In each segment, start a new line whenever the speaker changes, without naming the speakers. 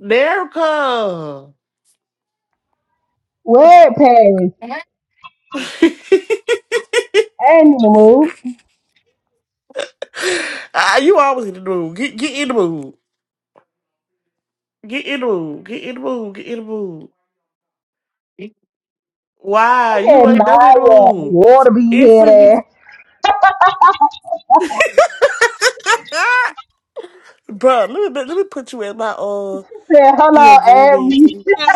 Nerica.
Where Paris? I ain't in the mood.
ah, you always in the mood. Get, get in the mood. Get in the mood. Get in the mood. Get in the mood. Why?
Look
You
at
ain't never in the
Naya.
mood.
Water be
It's
here
for me.
there.
Bro, let me, let me put you in my, uh,
Said
get your
hello,
green
Aries.
bean. food.
Hello,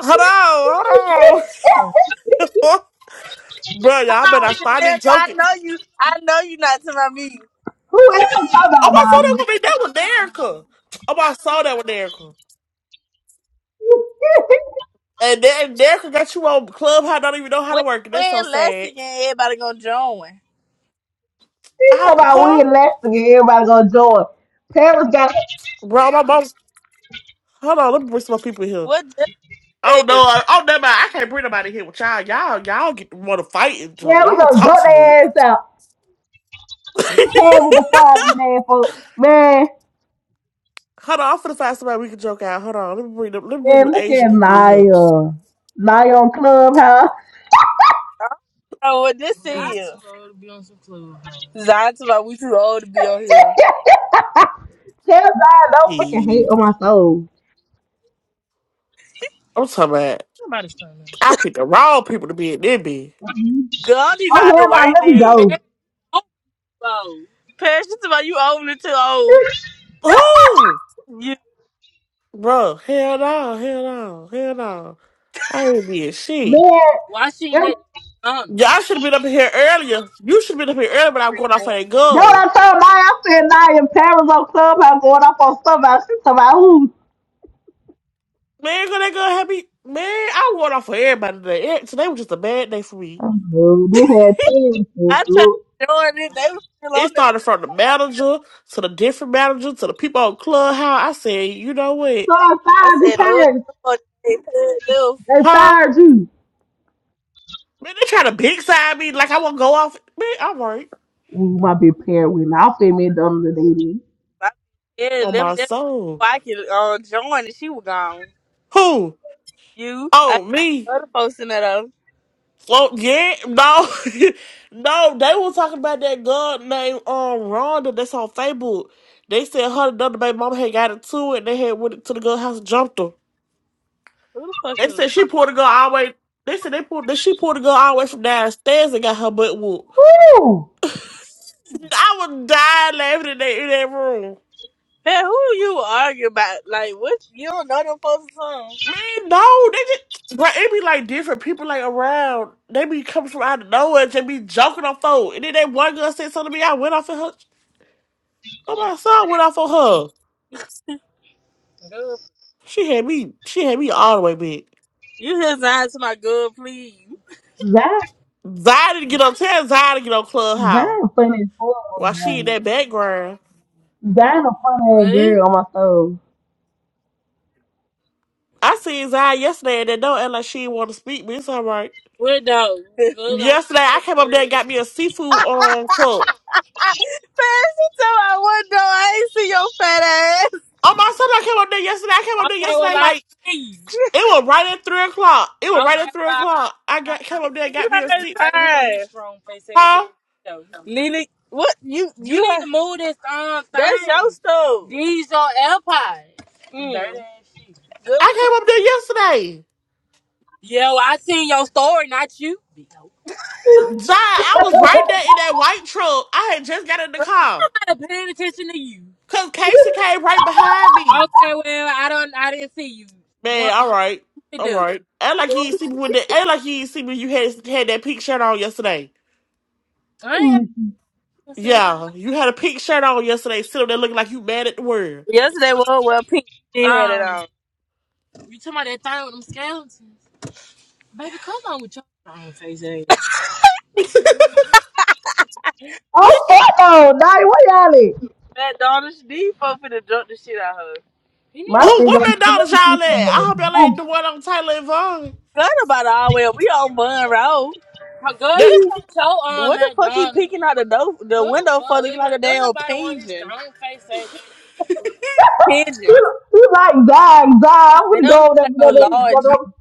Hold on. Hold on. Bro, y'all
hello,
better stop
Shanetta.
it
I
joking.
know you. I know you not to my meeting.
Who else talking
Oh,
about
I saw
Naya?
that with that with Nerica. Oh, I saw that with Nerica. And then Nerica got you on Clubhouse. don't even know how to
When
work it. That's so
when
sad.
Lexington everybody gonna join?
She talking
Ow,
about we
huh?
in Lexington. Everybody gonna join. Paris got
Bro, my mom. Hold on, let me bring some more people in here.
What this
Oh no!
thing?
I, oh never mind. I can't bring nobody here with y'all. Y'all, y'all get want to fight and so
yeah. We
y'all
gonna
talk
drop
too
their
much.
ass out. Paris with the fries in there, folks. Man,
Hold on, I'm finna find somebody we can joke out. Hold on, let me bring them. Let me bring them
man, look
Asian
at
people in here.
Naya. Naya on Clubhouse.
Oh, what this is? I'm too old to be on some clubhouse. Zion too old. We too old to be on here.
Tell Zion don't fucking hate
Shit.
on my soul.
I'm talking about.
Nobody's turning. me.
I picked the wrong people to be in there. Be
Girl, I don't even know how
Oh,
to
hell, nah,
work
let me
this. Yeah,
go.
Paris old. Paris, you talking about you old and too old.
who,
You.
bro? Hell no! Hell no! Hell no! I ain't being shit.
Man,
Why she
if,
ain't at McDonald's?
Y'all should have been up in here earlier. You should have been up here earlier, but I'm going off for that
that's what I
girl.
told Naya. I said, Naya, parents on Clubhouse going off on somebody. She talking about who?
Man, girl, that girl had me. Man, I went off for everybody today. Eh, Today was just a bad day for me.
Oh, we had parents.
I tried to join it. They was still
It
on there.
started from the manager to the different manager to the people on Clubhouse. I said, you know what?
So I
I
fired your
said,
Uh,
no,
parents.
no.
They
huh?
fired you.
Man, they trying to big side me like I want to go off. Man, I'm right
Ooh, my big parent went off at me the other day.
I yeah,
on
left
my
that
soul.
before I could uh, join and she was gone.
Who?
You, I
Oh, me.
other folks in that other.
Well, yeah, no, no. They were talking about that girl named um Rhonda that's on Facebook. They said her and another baby mama had got into it, and they had went to the girl house and jumped her.
Who the fuck
They
is
said she pulled the girl all the way. They said they pulled that she pulled the girl all the way from downstairs and got her butt whooped.
Woo!
I was dying laughing in that, in that room.
Man, who you arguing about? Like, what? You don't know them folks or something?
Man, no, they just but it be like different people like around. They be coming from out of nowhere and just be joking on folk. And then that one girl said something to me, I went off on her. Oh my son went off on her.
Good.
She had me she had me all the way big.
You just answer my good, please.
That,
Zion didn't get on tell Zion to get on Clubhouse.
that funny as hell,
While she in
man.
that background.
That a funny ass
Ready?
girl on my soul.
I seen Zion yesterday and that don't act like she didn't want to speak, but it's all right.
Wait, no. Good. I ain't see
Yesterday I came up there and got
your
me a seafood
fat ass.
um cup.
Man, she tell my window. I ain't see your fat ass.
Oh my son, I came up there yesterday. I came up there
Okay, well,
yesterday
I ain't
like,
see you.
It was right at three o'clock. It was right
Okay,
at three
well,
o'clock. I got came up there and
You
got me a
heard
seat.
Why you in her. this room, face ass?
Huh?
though? Lily, what you You you? need heard- to move this um That's your thing. stuff. These are AirPods. Dirty Mm. ass shit. Good.
I
I'm
came up there yesterday.
Yo, I seen your story, not you. Bitch. I'm
John, I was right there in that white truck. I had just got in the car.
not paying attention to you.
Cause Casey came right behind me.
Okay, well, I don't, I didn't see you.
Man,
What
all right.
to
All
do?
right. Act like you didn't see me when that act like you didn't see me when you had had that pink shirt on yesterday.
I ain't.
Mm.
What's
Yeah, you had a pink shirt on yesterday, sitting up there looking like you mad at the world.
Yesterday was well pink. You did had it Um, on. you talking about that thing with them skeletons? Baby, come on with your own face ass. We
oh, fuck no. Naya, where y'all at?
that daughter she deep for to jump the shit out of her. You need
My
to
Oh,
big
what McDonald's y'all at? I hope y'all
old
ain't the one on Taylor and Vaughn.
Good about all well. We on Bun Road. go. Girl, this
That
ain't your um What the fuck he McDonald's. peeking out the door, the What window for fuck? looking like a don't damn nobody want this pigeon? strong face ass. Pigeon.
He's like, God, God, I'm
They
gonna
don't
go
look
over there,
like no
over there,
large.
over
you-
there.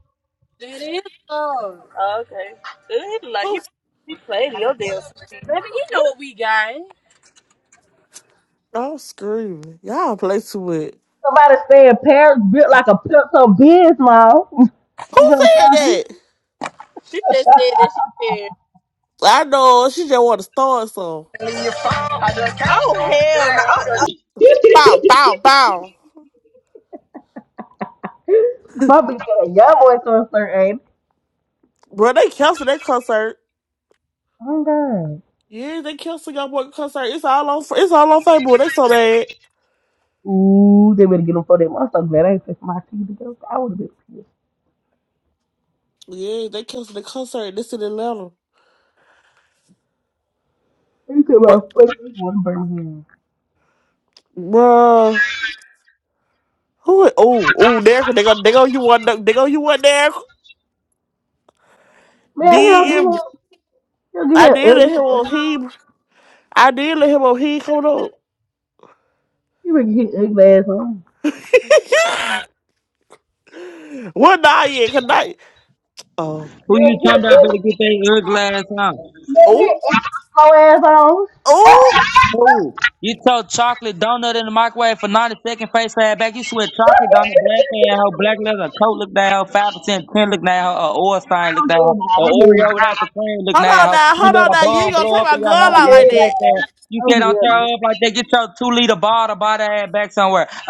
That is love. Oh, okay. Dude, he look like
who?
he he played your damn. Baby, you know what we got.
I'm screaming. Y'all play too much.
Somebody stay in Paris, built like a pimp some biz, mom.
Who
You know what
said that?
I'm
She just said that she said.
I know she just want to start some.
Oh hell no! Oh, oh,
saying?
Bow, bow, bow.
My bitch got a young boy concert, ain't it?
Bro, they canceled that concert.
Oh, God.
Yeah, they canceled your boy concert. It's all on. It's all on Facebook. They so bad.
Ooh, they better get him for them. I'm so glad I ain't taking my teeth to I would have been pissed.
Yeah, they canceled the concert. This in Atlanta.
You could
Bro,
have fucking one burn him.
bro. Who? Oh, oh, there. They go. They go. You want? They go. You want there?
Man, he'll get him.
DM.
He'll
I
get him.
did
ugly
let him on
ass.
he. I did let him on he. Hold up.
He would get his ugly ass on.
what? night? yeah. Cause I. Oh.
Who you
Man, get
talking
his
about better get that ugly ass out?
man, get his slow ass on.
Oh,
Who? You told chocolate donut in the microwave for 90 seconds, face ass back. You sweat chocolate donut, black ass hoe, black leather, coat look down, 5% print look down, a oil stain look
Oh
down,
hell no!
a
Oh hell
Oreo without the cream look
hold on
down.
now,
You
hold on
let a
now. You ain't
bomb
gonna
blow
take
up
my
in
girl
your hand
out
in the
like
no!
that.
black ass. You
Oh hell no! Oh
said don't
hell
throw
no!
up like that. Get your two liter bottle, buy that ass back somewhere.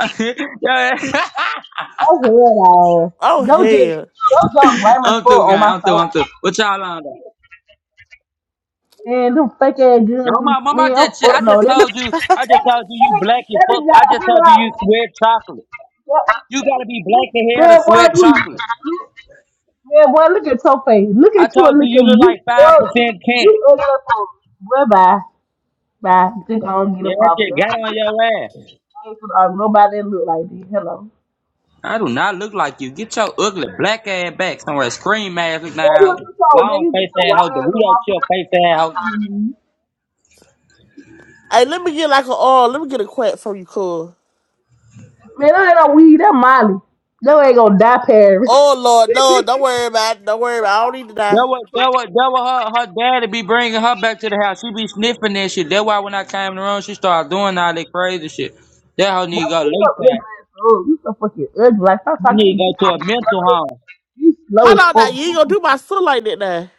Oh hell no!
Oh
Yo, just,
hell.
yo, just blame it
I'm
foot
through,
on
guy.
my
I'm through,
soul.
I'm through. What y'all on though?
Man, them fake ass girls,
No,
them-
my mom, I
man, I'm
just, I
foot no.
just
That, that,
told you, I just told you, you
that,
black and
that
fuck.
bitch got
I
a
just
hundred
told you, you
dollars.
sweat chocolate. You gotta be black in hair to
Man, boy,
sweat
you,
chocolate.
you- man, boy, look at your face. Look
I
at you
told
and
you,
look at
you
me.
look
You,
like five
you,
percent camp.
you ugly fool. Bye bye, bye. Just go and get a
Yeah, that
profit.
shit got
I
on your ass.
ain't gonna argue nobody that look like this. Hello.
I do not look like you. Get your ugly black ass back somewhere. Scream ass look
Yeah, you
down.
just so man,
Long
you
face
just a
ass
white
hoe.
ass little
Dorito chill
motherfucker.
face ass hoe.
Man,
Hey, let me get like a oh, let me get a quack from you, cool.
I ain't no weed. That Molly. No, ain't gonna die, Paris.
Oh Lord, no, don't worry about it. Don't worry about it. I don't need to die.
That what that what that what her her daddy be bringing her back to the house. She be sniffing that shit. That's why when I came in the room, she started doing all that crazy shit. That hoe
Boy,
need to go
you so ugly
lay
as You so fucking ugly. Like, stop talking to
Nigga
me.
to a mental home.
You slow
Hold
as
on now,
fuck.
you ain't gonna do
You
my son like that now.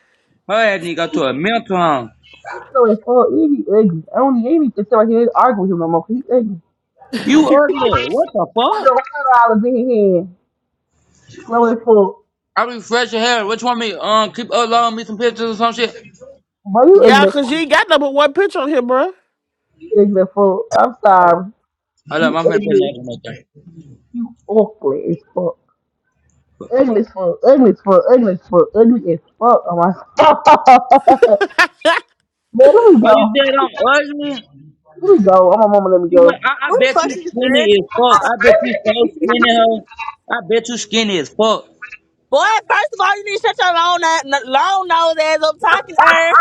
Her ass nigga to a mental home.
slow as fuck. You be ugly. I don't even need to sit right here and argue with him no more. 'cause He ugly.
You ugly. What the
With
fuck?
the hundred dollars in his hand. Slow as fuck.
I refresh your hair. What you want me? Um, keep uploading me some pictures or some shit.
Boy, you
Yeah,
ugly as
cause you
fuck.
ain't got number one picture on here, bruh.
You ugly as fuck. I'm sorry.
Hold up,
You
I'm gonna put an
ugly.
egg on there.
You ugly as fuck. Ugly as fuck. Ugly as fuck. Ugly as fuck. Ugly as fuck. Oh my. God. Man, let me
But you
go.
said I'm ugly.
Let me go. I'm a mama. Let me
You
go.
went, I, I
Who the
bet
fuck is
you skinny as fuck.
this?
I bet you so skinny, hoe. I bet you skinny as fuck.
Boy, first of all, you need to shut your long, na- long nose ass up talking to her.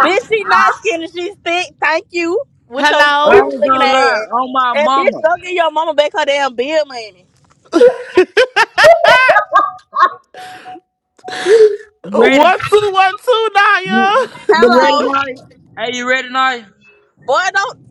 Bitch, she not skinny, she's thick. Thank you. With your
I
Hello?
square
ain't
looking
gonna lie.
ass.
On my
And bitch,
mama.
go get your mama back her damn bill money.
You ready?
One two one two
You
Naya.
you ready,
Hello.
Nari? Hey, you ready, Nari?
Boy, don't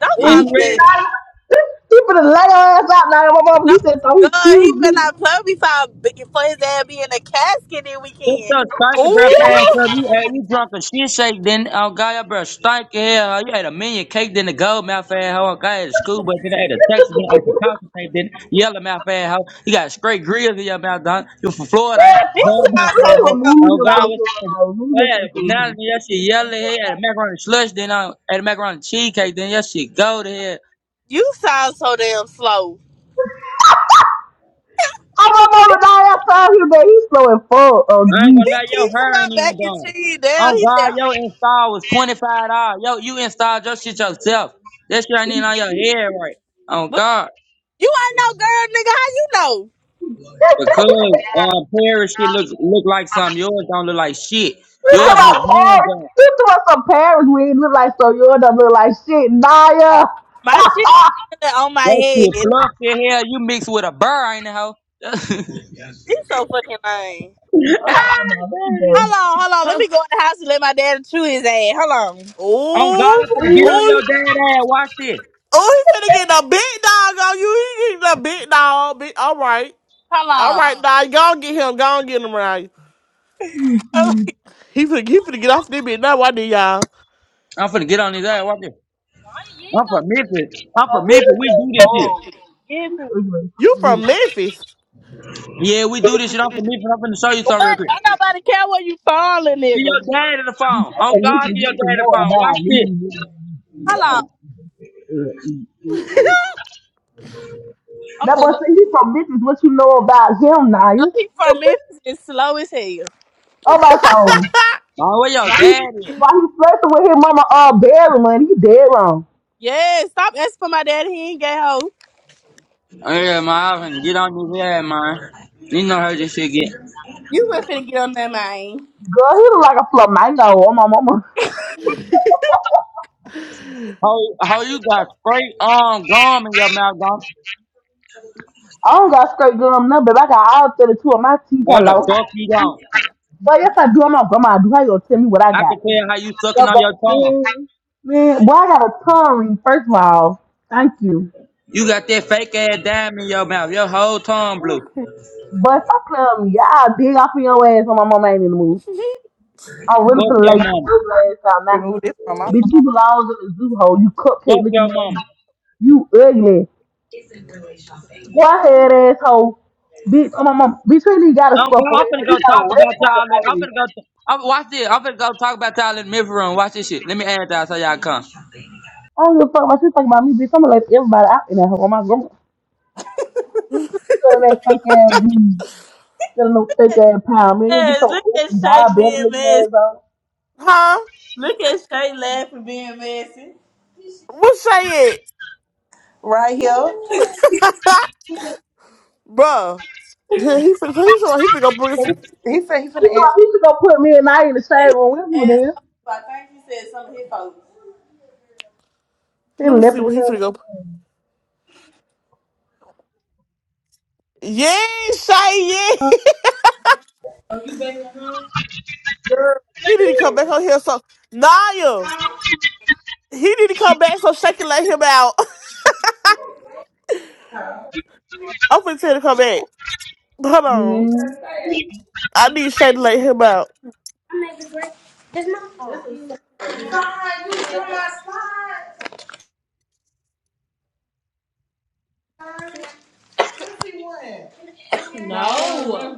don't
oh
Is
call
you
me
shit,
that.
ready?
Naya. He he finna lay her ass out, Naya. My mama. He
No,
said, "Oh, he
God,
killed
he better
me."
not plug me for, a big- for his ass being in a casket that
Get
weekend.
your striker breath ass
Ooh.
up. You, uh, you drunk a shit shake, then uh, guy your breath strike hell. Uh, you had a minion cake, then the gold mouth ass hoe. Uh, Guy had a school, but then I had a Texas, then I had a coffee tape, then yellow mouth ass hoe. You got straight grills in your mouth, dog. You from Florida, ain't
Yeah,
He
gold mouth
sounds so
ass
please
hoe.
damn
Oh
remove him from
slow.
God,
the
what?
clubhouse. Remove
I
him
had
from the
a banana, then
clubhouse.
that shit yellow head. Had a macaroni slush, then I had a macaroni cheesecake, then that shit gold head.
You sound so damn slow.
Oh my mama, Now I saw him, man. He's so in fuck. Oh
I ain't
jeez.
gonna
He
lie, yo,
keeps
her
my
ain't
back
even
and
done.
cheese
Oh
down. He said,
God, your install was twenty five dollars. Yo, you installed your shit yourself. That shit ain't
you
even on your head right. Oh
what?
God,
You ain't no girl, nigga. How you know?
because
talking about parents?
uh, Paris shit look look like something. Yours don't look like shit.
I
Yours
don't.
look hand done.
You talking about some parents? We ain't look like so. You don't look like shit, Naya. Okay,
My shit on my
That shit
head.
fluffy hell. You mixed with a burr, ain't it, hoe? oh
He's so fucking lame.
hold Let me go.
Hold on, hold on. Let
oh,
me go in the house and let my daddy chew his ass. Hold on.
God, I'm finna get on your
oh,
dad ass. Watch this.
Oh, he finna get a big dog on you. He getting a big dog. Big, all right. All
Hold
right, Uh-uh. now go all get him. Go on, get him right.
on.
Mm-hmm.
He finna, he finna get off this bitch now. Why did y'all?
I'm finna get on his ass. Watch this. I'm from Memphis. I'm
But
from
this
Memphis.
is
We
like,
do this shit.
oh,
Get
this
to
is like,
You
oh,
from Memphis?
Yeah, we do this shit. I'm from Memphis. I'm finna show you something real
What?
quick.
Don't nobody care where you from, little
Get your
nigga.
dad in the phone.
because
Oh
of this is what
God,
you
get your
need to
dad in the
know
phone.
about.
Watch
This is
this.
what you
Hold on.
need to know. That
Okay, am
was
let me
saying from this is what you know about him now.
know
You
he from Memphis. It's slow as hell.
oh my
Man, where your
Why
dad
he
at?
why flirting with his mama all barely money? He dead wrong.
Yeah, stop asking for my daddy. He ain't gay hoe.
Oh yeah, man, I'm finna get on this head, man. You know how this shit get.
You were finna get on that man.
Girl, he look like a flamingo on my mama.
How, how you got straight on gum in your mouth, gum?
I don't got straight gum no, but I got all 32 of my teeth
No, the
hello.
fuck you don't.
But yes I do, I'm not grandma. I do how you gonna tell me what I
I
got.
can tell how you sucking
No,
on
but
your tongue.
man, man, why I got a tongue ring? First of all, thank you.
You got that fake ass dime in your mouth. Your whole tongue blue.
But stop playing with me. I'll dig off in your ass when my mama ain't in the mood. I'm really
Fuck
finna
your
lay
mama.
your ass out now.
remove this from my
Bitch, you belong in the zoo hole. You cupcake
Fuck
looking
your mama.
ass. You ugly. Why head asshole? Bitch, oh my mom. Bitch, we really got a
I'm,
score for
girl, I'm
you.
finna go
You got a
talk
red
about y'all.
packet
In,
for
I'm
you.
finna go. T- I'm, watch this. I'm finna go talk about y'all in the mirror room. Watch this shit. Let me add y'all so y'all come.
I don't give a fuck about you talking about me, bitch. I'm gonna let everybody out in that hole. My grandma. Selling that fake ass weed. Selling no fake ass pound. Man, you get
Yes,
your
look at
open
Shay
diabetic
being
looking
messy.
ass on.
huh?
Look at Shay laughing being messy.
What say it,
right here.
bruh? He finna, he finna, he finna go bring some.
She
And
told me she gonna put me and I in the same room with you
As
then.
I think he said some of his folks.
She
Let me
left
see what he
because
finna go. Yeah, Shay. Yeah, he need to come back on here. So Naya, he need to come back so Shay can let him out. I'm finna tell him to come back. Hold on,
me,
I need Shay to let him out.
No. Oh,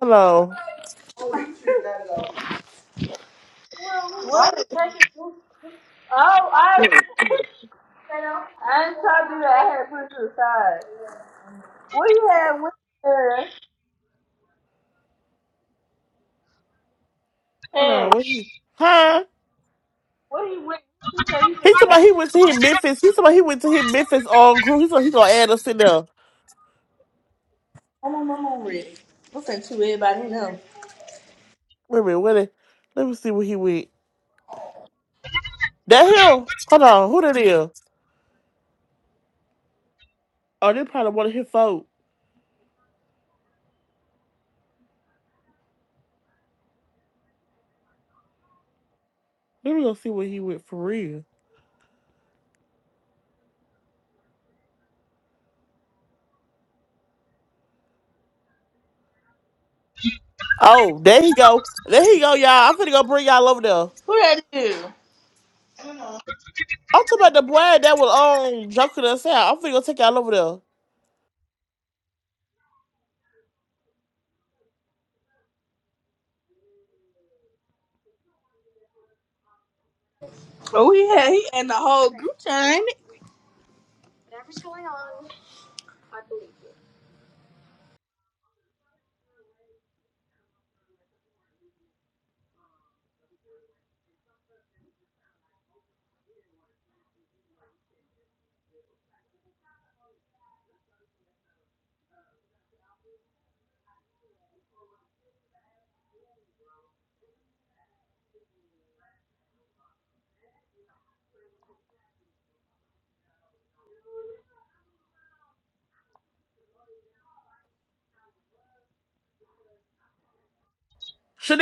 Hold on,
I No. I ain't told you that I had put you aside. What you had with her?
hold
Hey,
on. What he? Huh?
what you with? You say you
He talking
been
about he went to his Memphis. He talking about he went to his Memphis on crew. He said he gonna add us in there.
I'm on my mom with. Listen to everybody know.
Wait a minute, where they, let me see where he went. That him? Hold on, who that is? Oh, they probably one of his folk. Let me go see where he went for real. Oh, there he go. There he go, y'all. I'm finna go bring y'all over there.
Who that is?
I'm talking about the boy that was um joking us out. I'm finna go take y'all over there.
Oh, he had he and the whole group chat.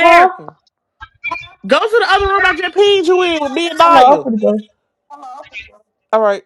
Huh?
Go to the other room I just pinged you in with me and
Hello, I'm
Naya.
finna go.
All right.